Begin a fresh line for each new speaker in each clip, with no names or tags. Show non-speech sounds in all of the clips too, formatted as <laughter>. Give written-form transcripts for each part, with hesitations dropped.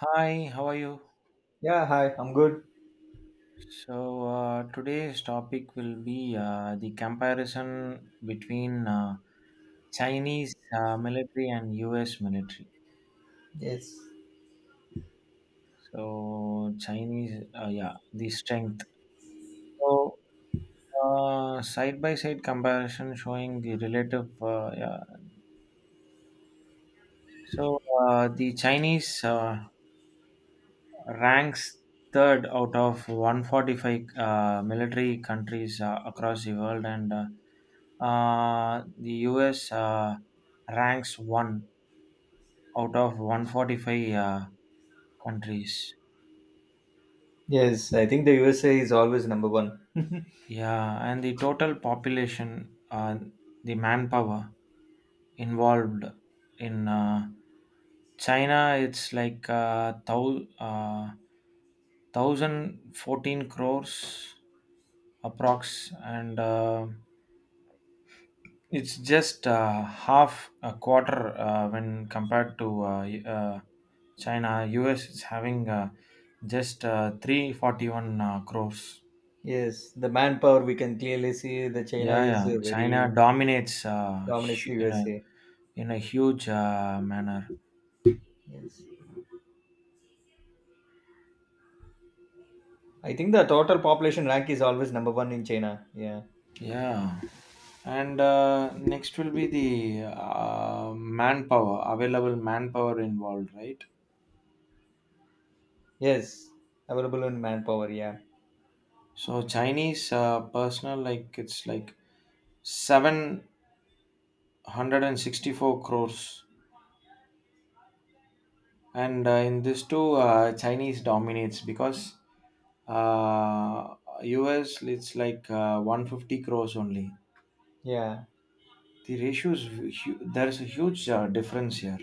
Hi, how are you?
Yeah, hi, I'm good.
So, today's topic will be the comparison between Chinese military and US military.
Yes.
So, Chinese, yeah, the strength. So, side by side comparison showing the relative, yeah. So, the Chinese ranks third out of 145 military countries across the world, and the US ranks one out of 145 countries.
Yes, I think the USA is always number one.
Yeah, and the total population, the manpower involved in China, it's like 1014 crores approx, and it's just half a quarter when compared to China. US is having just 341 crores.
Yes, the manpower we can clearly see the China
Yeah,
is
yeah. China
very
dominates
dominates the
in a
USA.
in a huge manner.
Yes. I think the total population rank is always number one in China. Yeah.
Yeah, and next will be the manpower available manpower involved, right?
Yes. Available in manpower, yeah.
So Chinese personnel, like it's like 764 crores, and in this too Chinese dominates because uh, US, it's like 150 crores only.
Yeah.
The ratio is there's a huge difference here.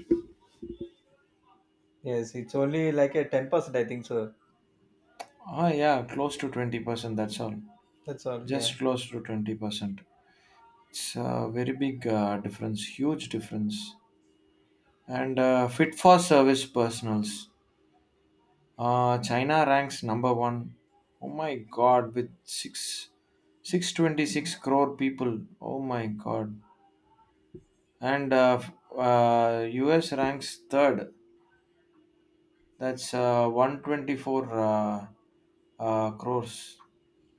Yes. It's only like a 10% I think so.
Oh, yeah, close to 20%, that's all.
That's all. Yeah.
Just close to 20%, it's a very big difference, huge difference. And fit for service personals, China ranks number one. Oh, my god, with 6 626 crore people. Oh, my god. And US ranks third. That's 124 crores.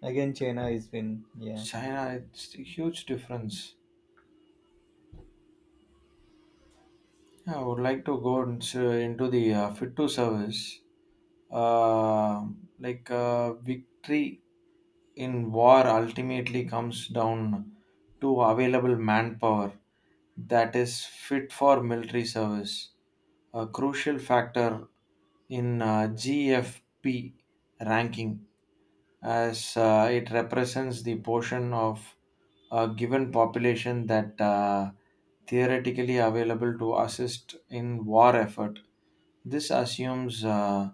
Again China is win. Yeah.
China, it's a huge difference. Yeah, I would like to go into the fit to service, uh, like victory in war ultimately comes down to available manpower that is fit for military service. A crucial factor in GFP ranking, as it represents the portion of a given population that theoretically available to assist in war effort. This assumes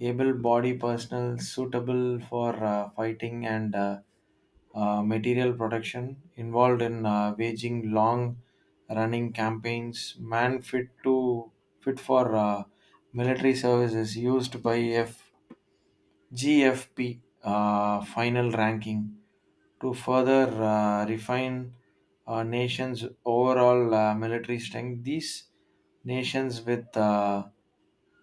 able body personnel suitable for fighting, and material production involved in waging long running campaigns. Man fit for military service is used by F, G, F, P, GFP final ranking to further refine a nation's overall military strength. These nations with uh,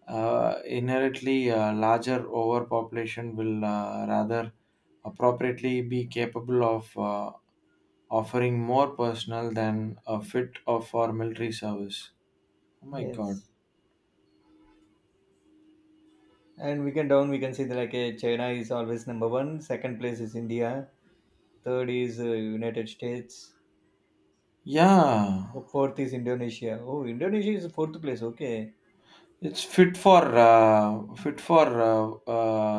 uh, inherently larger overpopulation will rather appropriately be capable of offering more personnel than a fit of for military service. Oh, my god.
Yes. And we can see that like a China is always number one. Second place is India. Third is United States.
Yeah.
Oh, fourth is Indonesia. Oh, Indonesia is fourth place. Okay.
It's fit for uh, fit for uh,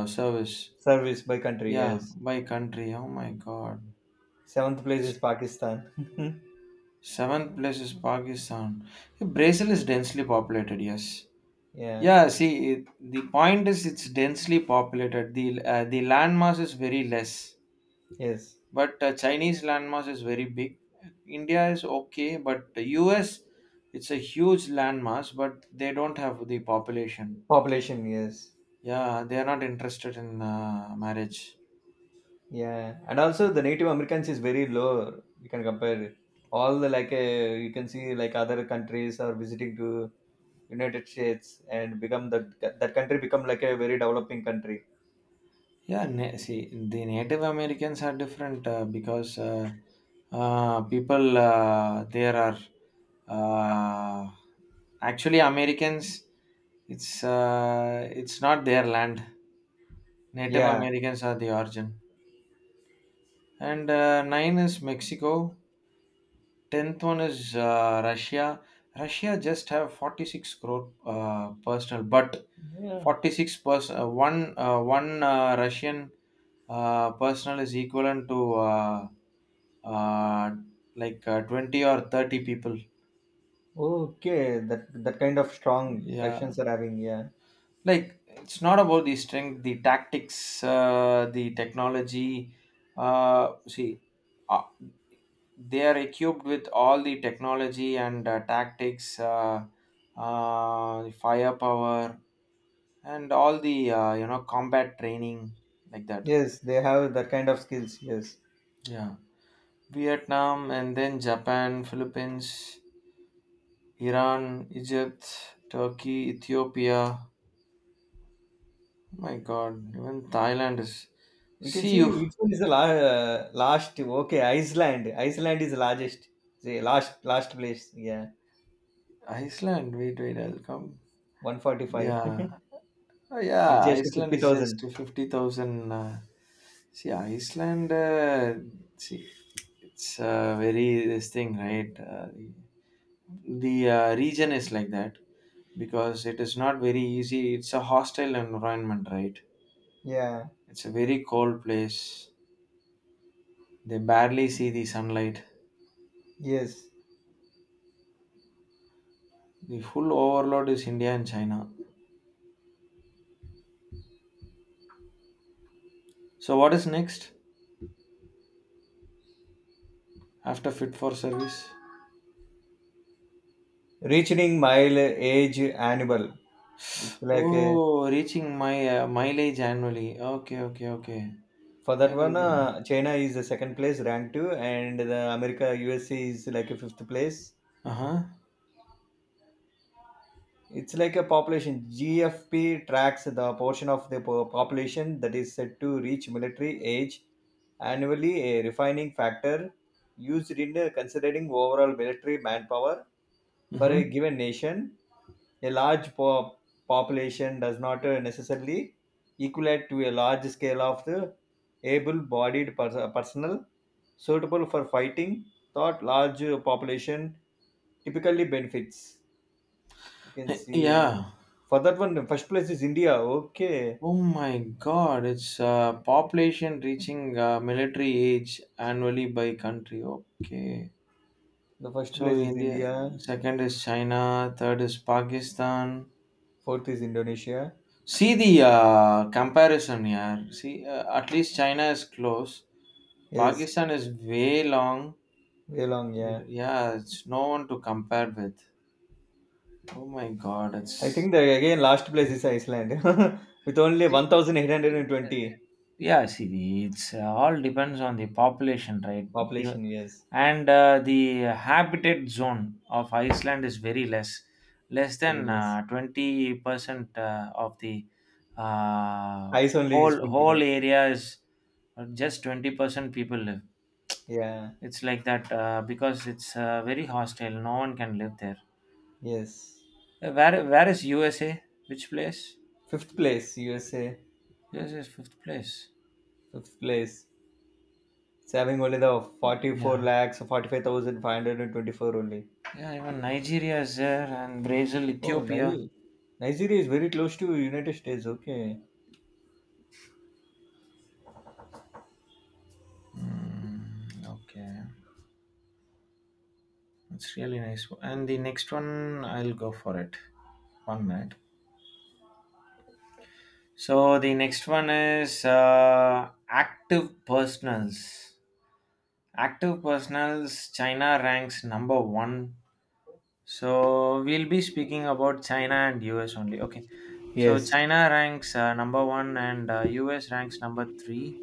uh, service.
Service by country.
Yeah,
Yes.
by country. Oh, my God.
Seventh place is Pakistan. <laughs>
Seventh place is Pakistan. Brazil is densely populated. Yes.
Yeah.
Yeah. See, the point is it's densely populated. The landmass is very less,
Yes.
but Chinese landmass is very big. India is okay, but the U.S., it's a huge landmass, but they don't have the population.
Population. Yes.
Yeah, they are not interested in marriage.
Yeah. And also the Native Americans is very low. You can compare it. All the like you can see like other countries are visiting to United States and become that country become like a very developing country.
Yeah, see, the Native Americans are different because people there are uh, actually Americans. It's not their land. Native
Yeah.
Americans are the origin, and nine is Mexico. 10th one is Russia. Russia just have 46 crore personal, but
Yeah.
46 person one Russian personal is equivalent to uh, like 20 or 30 people.
Okay. That kind of strong
Yeah,
Russians are having. Yeah.
like it's not about the strength, the tactics, the technology. See, uh, they are equipped with all the technology and tactics, the firepower, and all the combat training like that.
Yes, they have that kind of skills. Yes,
Yeah, Vietnam and then Japan, Philippines. Iran, Egypt, Turkey, Ethiopia. My God, even Thailand is.
we can
See
see
you,
which one is the last. Okay, Iceland. Iceland is largest. The last place. Yeah,
Iceland. Wait, wait, I'll come.
145
Yeah.
<laughs>
Oh,
with
yeah.
just
Iceland
fifty
is just
thousand.
50,000. See, Iceland. See, it's very this thing, right? The region is like that because it is not very easy. It's a hostile environment, right?
Yeah.
It's a very cold place. They barely see the sunlight.
Yes.
The full overload is India and China. So what is next after fit for service?
Reaching mile age annual. It's like
Oh, reaching my mileage annually. Okay, okay, okay.
for
I
that
will
one,
get.
China is the second place ranked two, and the America USA is like a fifth place.
Uh huh.
It's like a population. GFP tracks the portion of the population that is said to reach military age annually, a refining factor used in considering overall military manpower for a
Mm-hmm.
given nation. A large population does not necessarily equate to a large scale of the able-bodied personnel suitable for fighting. Thought large population typically benefits. You can
<laughs>
see
Yeah.
for that one, the first place is India. Okay.
Oh, my God! It's population reaching military age annually by country. Okay.
The first
So
place is
India.
India.
Second is China. Third is Pakistan.
Fourth is Indonesia.
See the comparison here. See, at least China is close.
Yes.
Pakistan is way long.
Way long, yeah.
And yeah, it's no one to compare with. Oh, my God,
I
it's.
think the again last place is Iceland. <laughs> With only
See,
1820
yeah. See, it's all depends on the population, right? You-
population, yes.
And the habitat zone of Iceland is very less, less than
Very less.
20% 20%, of the uh,
Ice only
whole
is will
whole
become.
area is just 20% people live.
Yeah.
It's like that because it's very hostile. No one can live there.
Yes.
Where is USA? Which place?
Fifth place, USA.
USA is fifth place.
Fifth place. It's having only the 44
Yeah,
lakhs, 45,524 only.
yeah. Even Nigeria is there, and Brazil,
Oh,
Ethiopia.
Navy. Nigeria is very close to United States. Okay.
Mm, okay, it's really nice. And the next one, I'll go for it. 1 minute. So the next one is active personals. Active personals. China ranks number one. So we'll be speaking about China and US only. Okay. So
Yes.
China ranks number one, and US ranks number three.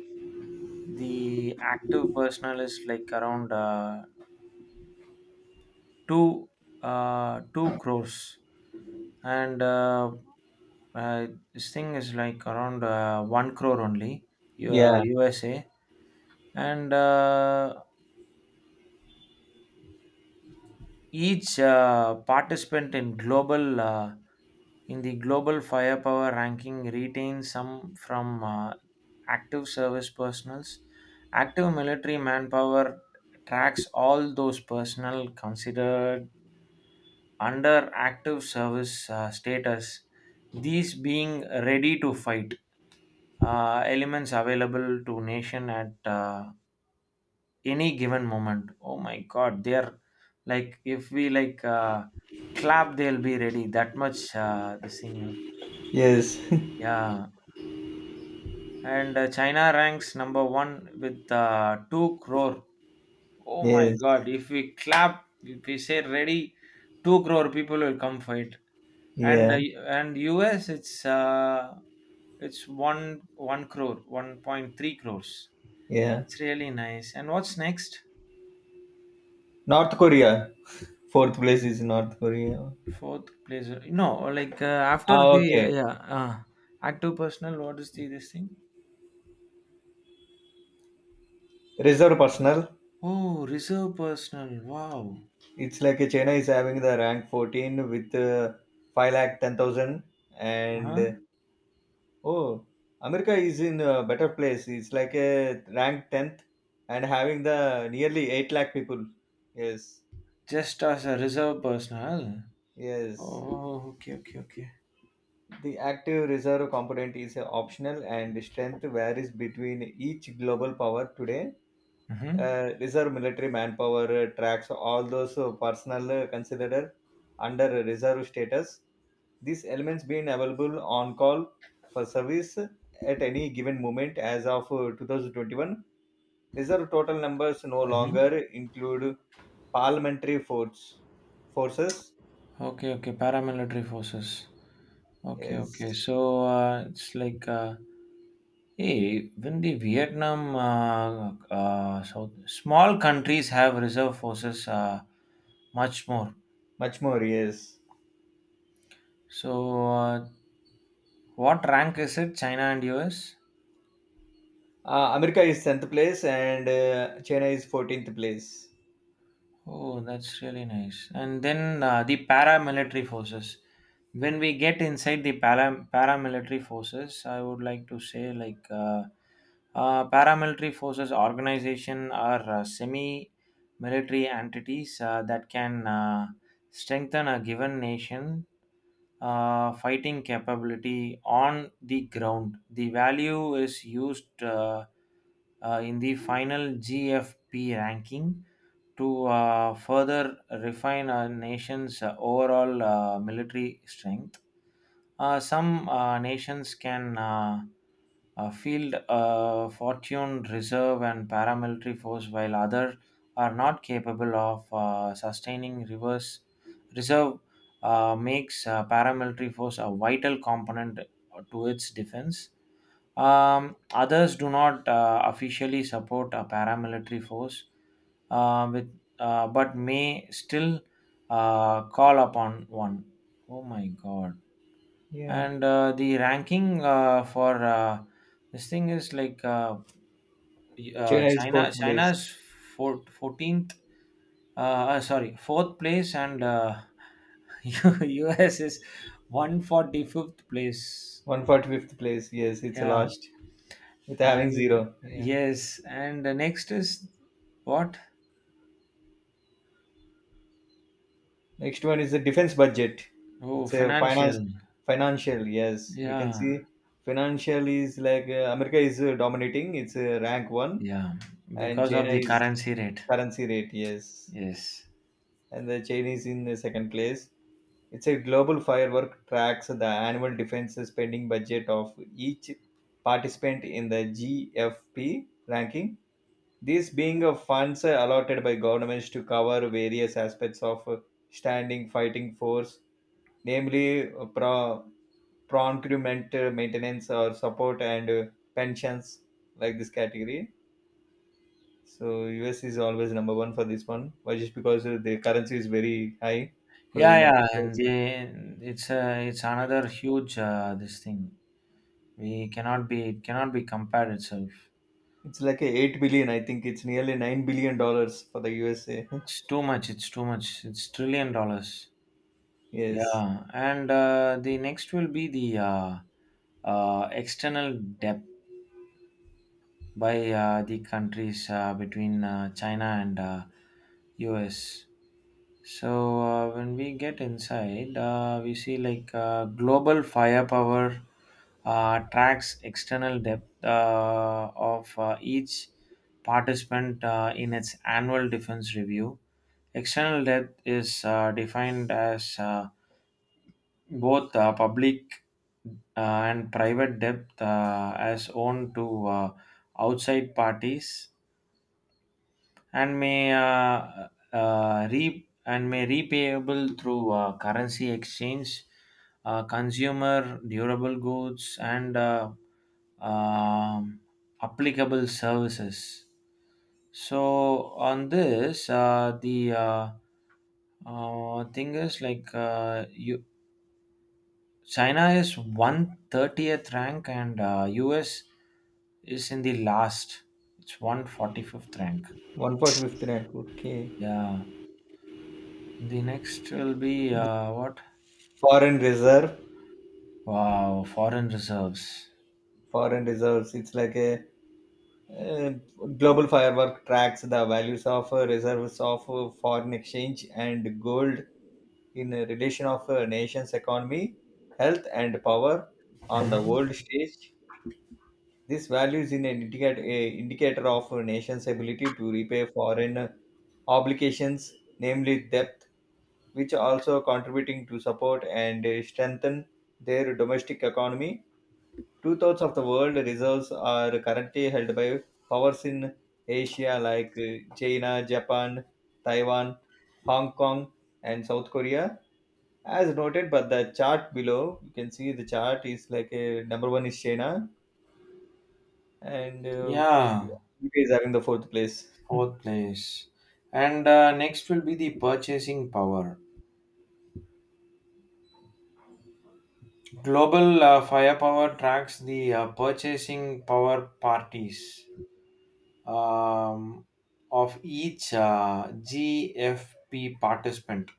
The active personnel is like around two 2 crores, and uh, this thing is like around 1 crore only.
Yeah.
USA. And each participant in global in the global firepower ranking retains some from active service personals. Active military manpower tracks all those personnel considered under active service status, these being ready to fight elements available to nation at any given moment. Oh, my god, they're like if we like clap, they'll be ready, that much this thing.
Yes, <laughs>
Yeah, and China ranks number one with 2 crore. Oh, my
yes,
God! If we clap, if we say ready, 2 crore people will come for it. And
yeah,
uh, and US, it's one crore, 1.3 crores.
yeah.
It's really nice. And what's next?
North Korea. <laughs> Fourth place is North Korea.
Fourth place? No, like after
Ah,
the
okay.
yeah, active personal. What is the this thing?
Reserve personnel.
Oh, reserve personal. Wow.
It's like China is having the rank 14 with 5 lakh 10,000. And
Uh-huh.
Oh, America is in a better place. It's like a rank 10th and having the nearly 8 lakh people. Yes,
Just as a reserve personal.
yes.
Oh, okay, okay, okay.
The active reserve component is optional and strength varies between each global power today
Mm-hmm.
reserve military manpower tracks all those personnel considered under reserve status. These elements being available on call for service at any given moment as of 2021. Reserve total numbers no
Mm-hmm.
longer include parliamentary forces.
Okay, okay, paramilitary forces. Okay, okay.
Yes,
So it's like, hey, when the Vietnam, so small countries have reserve forces much more.
much more. Yes,
So what rank is it, China and US?
America is tenth place and China is 14th place.
Oh, that's really nice. And then the paramilitary forces. When we get inside the paramilitary forces, I would like to say like paramilitary forces organization are semi-military entities that can strengthen a given nation fighting capability on the ground. The value is used in the final GFP ranking to further refine our nation's overall military strength. Some nations can field a fortune reserve and paramilitary force, while others are not capable of sustaining reverse reserve. Makes paramilitary force a vital component to its defense. Others do not officially support a paramilitary force, with but may still call upon one. Oh, my God.
Yeah.
And the ranking for this thing is like
China is
China
fourth place.
China's four, 14th, sorry fourth place. And <laughs> US is 145th place.
145th place. Yes, it's a
Yeah.
last with having
And
zero. Yeah.
yes, and the next is, what?
Next one is the defense budget.
Oh,
It's a finance
financial.
financial. Yes, we can
Yeah,
see financial is like America is dominating. It's rank one,
yeah,
and
because of
China
the
is
currency rate.
currency rate. Yes,
Yes.
and the China is in the second place. It's a global firework tracks the annual defense spending budget of each participant in the GFP ranking. These being of funds allotted by governments to cover various aspects of standing fighting force, namely procurement, maintenance, or support and pensions, like this category. So US is always number one for this one. Why? Just because the currency is very high for the
Yeah,
United
yeah, and
States.
it's another huge this thing. We cannot be It cannot be compared itself.
It's like a 8 billion. I think it's nearly $9 billion for the USA.
It's too much. It's too much. It's trillion dollars.
<laughs> Yes,
Yeah, and the next will be the external debt by the countries between China and U.S. So when we get inside, we see like global firepower tracks external depth of each participant in its annual defense review. External depth is defined as both public uh, and private depth as owned to outside parties, and may repayable through currency exchange, consumer durable goods, and um, applicable services. So on this, the thing is like China is 130th rank, and US is in the last. It's 145th rank.
1.59. Okay,
Yeah. The next will be what?
foreign reserve,
Wow, foreign reserves.
foreign reserves. It's like a Uh, global firework tracks the values of reserves of foreign exchange and gold in a relation of a nation's economy, health, and power on the world stage. This value is a indicator of a nation's ability to repay foreign obligations, namely debt, which also contributing to support and strengthen their domestic economy. Two-thirds of the world reserves are currently held by powers in Asia like China, Japan, Taiwan, Hong Kong, and South Korea. As noted, but the chart below, you can see the chart is like a number one is China, and
Yeah,
UK is having the fourth place.
fourth place. And next will be the purchasing power. Global firepower tracks the purchasing power parties, um, of each GFP participant.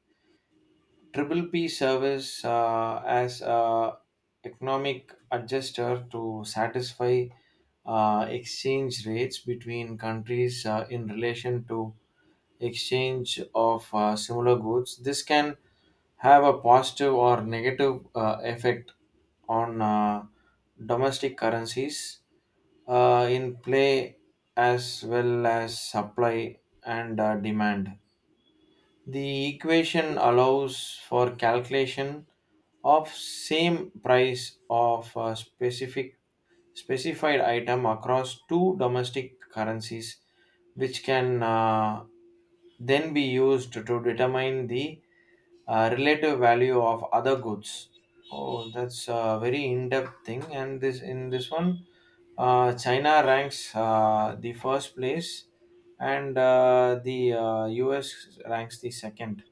Triple P serves as a economic adjuster to satisfy exchange rates between countries in relation to exchange of similar goods. This can have a positive or negative effect on domestic currencies in play, as well as supply and demand. The equation allows for calculation of same price of a specific specified item across two domestic currencies, which can then be used to determine the relative value of other goods. Oh, that's a very in-depth thing. And this in this one, China ranks the first place, and the U.S. ranks the second.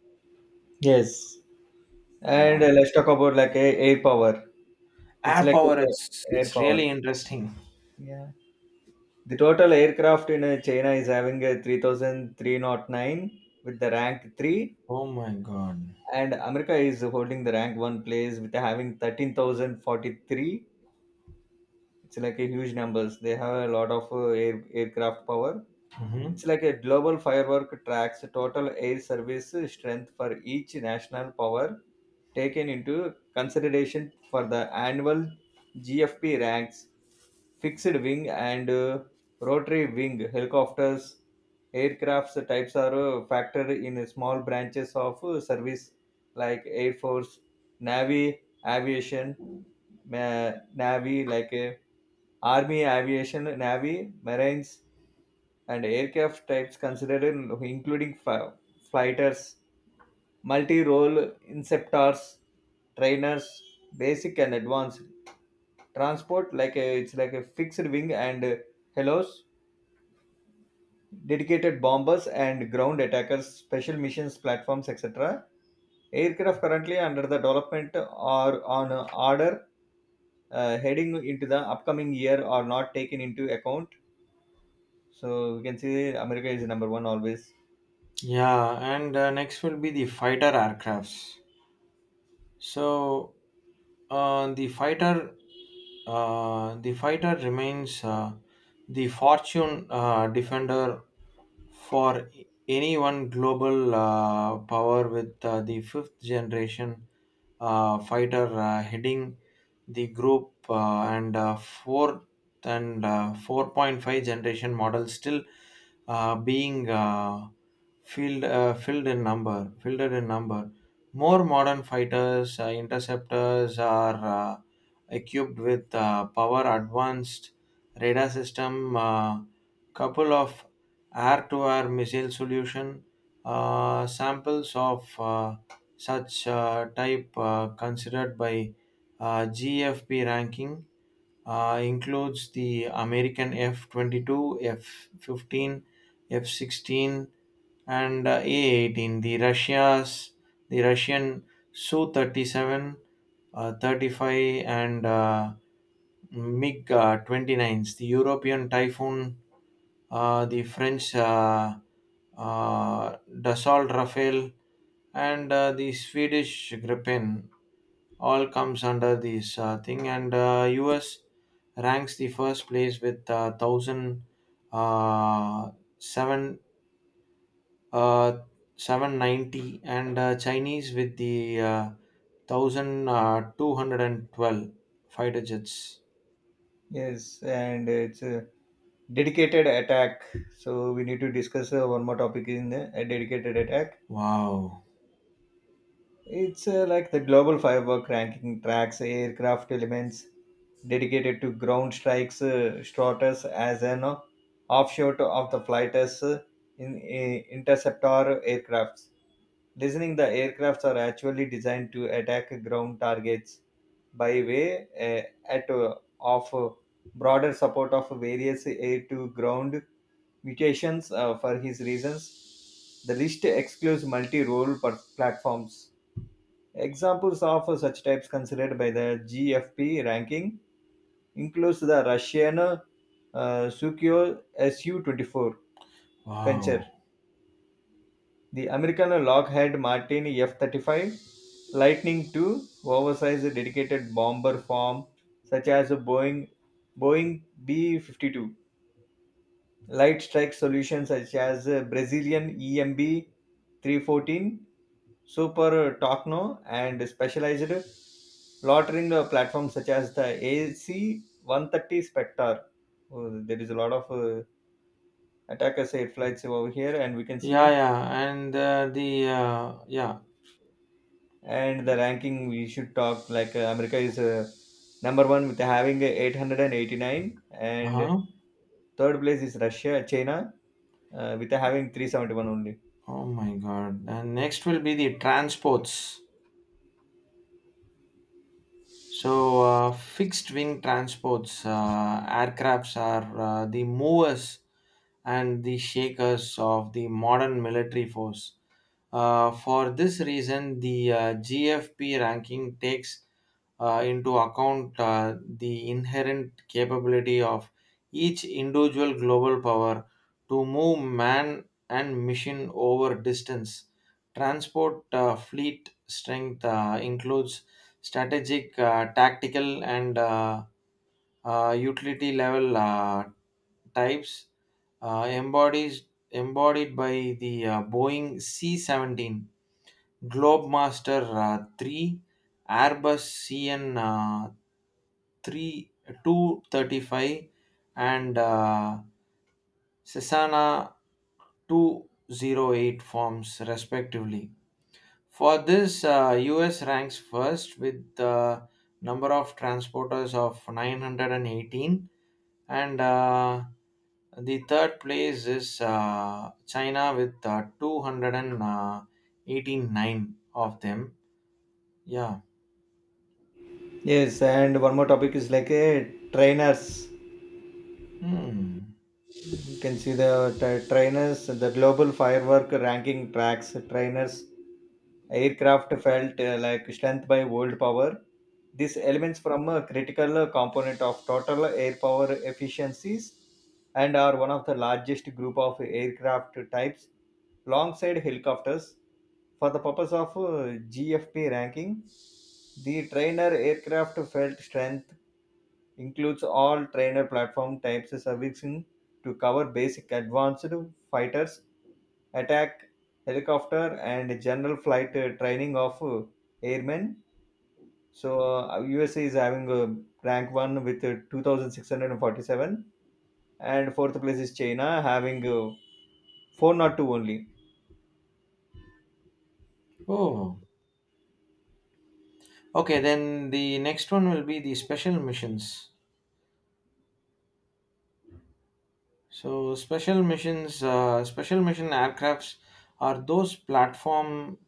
Yes. And
Yeah.
let's talk about like a air power. It's
Air
like a
power, it's
air
it's
power.
really interesting.
Yeah. The total aircraft in China is having a 3,309 with the rank 3
Oh my God.
and America is holding the rank one place with having 13,043. It's like a huge numbers. They have a lot of aircraft power.
Hmm.
It's like a global firework tracks total air service strength for each national power taken into consideration for the annual GFP ranks fixed wing and rotary wing helicopters aircrafts types are factored in small branches of service like air force navy aviation ma- navy like army aviation navy marines and aircraft types considered including flighters multi-role inceptors trainers basic and advanced transport like a, it's like a fixed wing and helos dedicated bombers and ground attackers, special missions platforms, etc. Aircraft currently under the development or on order heading into the upcoming year are not taken into account. So we can see America is number one always.
Yeah, and next will be the fighter aircrafts. So uh, the fighter, the fighter remains the fortune defender for any one global power with the fifth generation fighter heading the group and fourth and 4.5 generation model still being filled filled in number fielded in number. More modern fighters, interceptors are equipped with power advanced radar system, couple of air-to-air missile solution. Samples of such type considered by GFP ranking includes the American F-22, F-15, F-16, and A18. The Russian Su 37, 35, and MiG 29s. The European Typhoon, the French Dassault Rafale, and the Swedish Gripen all comes under this thing. And US ranks the first place with 1,000, Uh, seven, uh, 790 and Chinese with the 1212 five digits.
Yes, and it's a dedicated attack. So we need to discuss one more topic in the a dedicated attack.
Wow.
It's like the global firework ranking tracks aircraft elements dedicated to ground strikes strata's as an offshoot of the flighters in interceptor aircrafts. Listening, the aircrafts are actually designed to attack ground targets by way at of broader support of various air to ground mutations for his reasons. The list excludes multi-role platforms. Examples of such types considered by the GFP ranking includes the Russian Sukhoi Su-24 Venture,
Wow.
the American Lockheed Martin F-35, Lightning II, oversized dedicated bomber form such as Boeing B-52, light strike solutions such as Brazilian EMB-314, Super Tocno, and specialized loitering platforms such as the AC 130 Spectre. Oh, there is a lot of attackers air flights over here, and we can
Yeah,
see.
yeah. And the, yeah.
And the ranking we should talk like America is number one with having 889, and 89, and
Uh-huh.
third place is Russia, China with having 371 only.
Oh my God. And next will be the transports. So, fixed wing transports, aircrafts are the movers and the shakers of the modern military force. For this reason, the GFP ranking takes into account the inherent capability of each individual global power to move man and mission over distance. Transport fleet strength includes strategic, tactical, and utility level types, embodies embodied by the Boeing C 17, Globemaster 3, Airbus CN 3, 235, and Cessna 208 forms, respectively. For this, US ranks first with the number of transporters of 918 and the third place is China with 289 of them. Yeah.
Yes, and one more topic is like trainers.
Hmm.
You can see the trainers, the global firework ranking tracks trainers. Aircraft felt like strength by world power. These elements from a critical component of total air power efficiencies and are one of the largest group of aircraft types alongside helicopters. For the purpose of GFP ranking, the trainer aircraft felt strength includes all trainer platform types servicing to cover basic advanced fighters attack helicopter and general flight training of airmen. So USA is having a rank 1 with 2,647 and fourth place is China having 402 only.
Oh. Okay, then the next one will be the special missions. So special missions, special mission aircrafts are those platform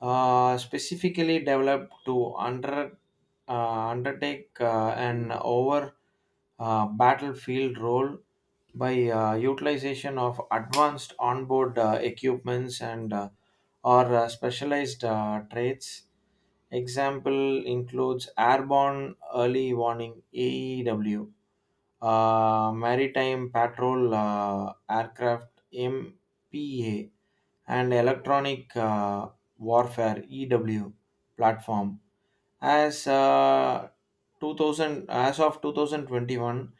specifically developed to undertake an over battlefield role by utilization of advanced onboard equipments and or specialized traits. Example includes airborne early warning AEW, maritime patrol aircraft MPA, and electronic warfare EW platform as 2000, as of 2021.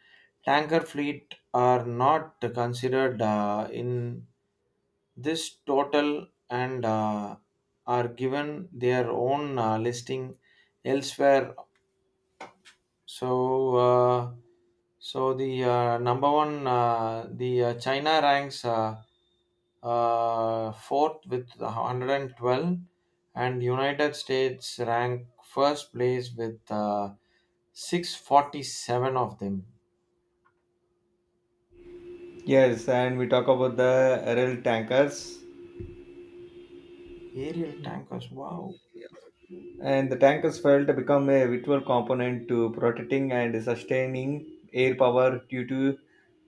Tanker fleet are not considered in this total, and are given their own listing elsewhere. So uh, so the number one, the China ranks fourth with 112, and United States ranked first place with 647 of them.
Yes, and we talk about the rl tankers
Aerial tankers, wow.
and the tankers failed to become a vital component to protecting and sustaining air power due to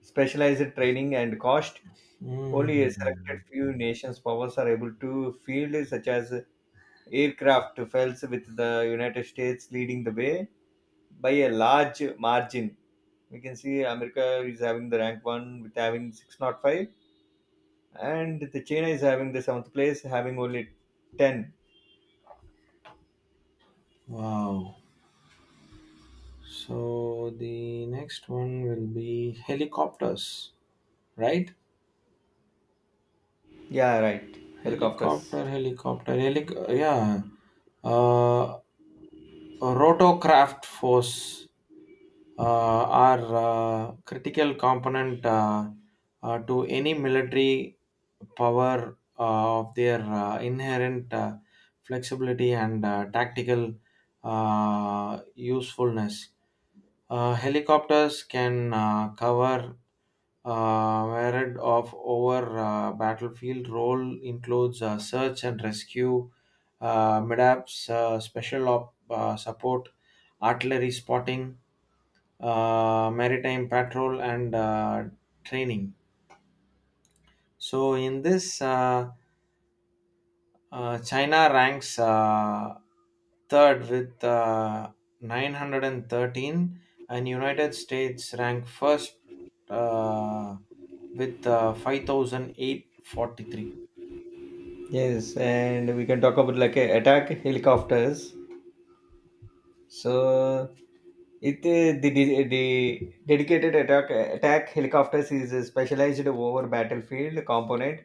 specialized training and cost. Only a selected
Hmm.
few nations' powers are able to field such as aircraft fails with the United States leading the way by a large margin. We can see America is having the rank one with having 605 and the China is having the seventh place having only 10.
Wow. So the next one will be helicopters, right?
Yeah, right. Helicopters.
Helicopter, helicopter, helic. Yeah. Uh, Rotocraft force uh, are critical component to any military power of their inherent flexibility and tactical usefulness. Helicopters can cover myriad of over battlefield role includes search and rescue, MIDAPS, special op, support, artillery spotting, maritime patrol, and training. So in this. China ranks third with 913, and United States rank first uh, with five thousand eight forty three.
Yes, and we can talk about like attack helicopters. So, it the dedicated attack helicopters is a specialized over battlefield component,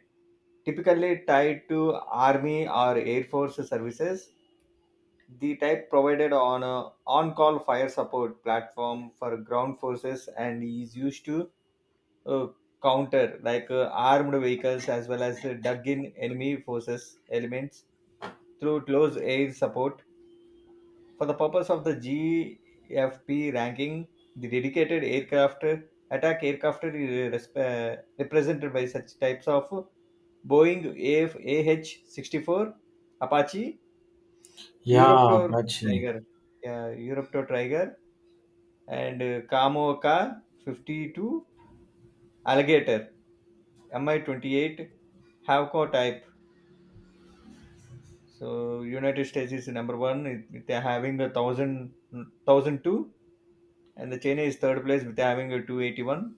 typically tied to army or air force services. The type provided on a on-call fire support platform for ground forces and is used to uh, counter like armed vehicles as well as dug-in enemy forces elements through close air support. For the purpose of the GFP ranking, the dedicated aircraft attack aircraft is represented by such types of Boeing AH-64, Apache,
Yeah,
Europtor
Apache.
Tiger, yeah, Europtor Tiger, and Kamoka 52, Alligator, Mi-28, Havco type. So United States is number one. They having 1,002, and the China is third place with having a 281.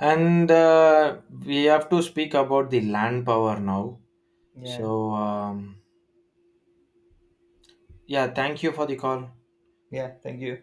And we have to speak about the land power now.
Yeah.
So, yeah, thank you for the call.
Yeah. Thank you.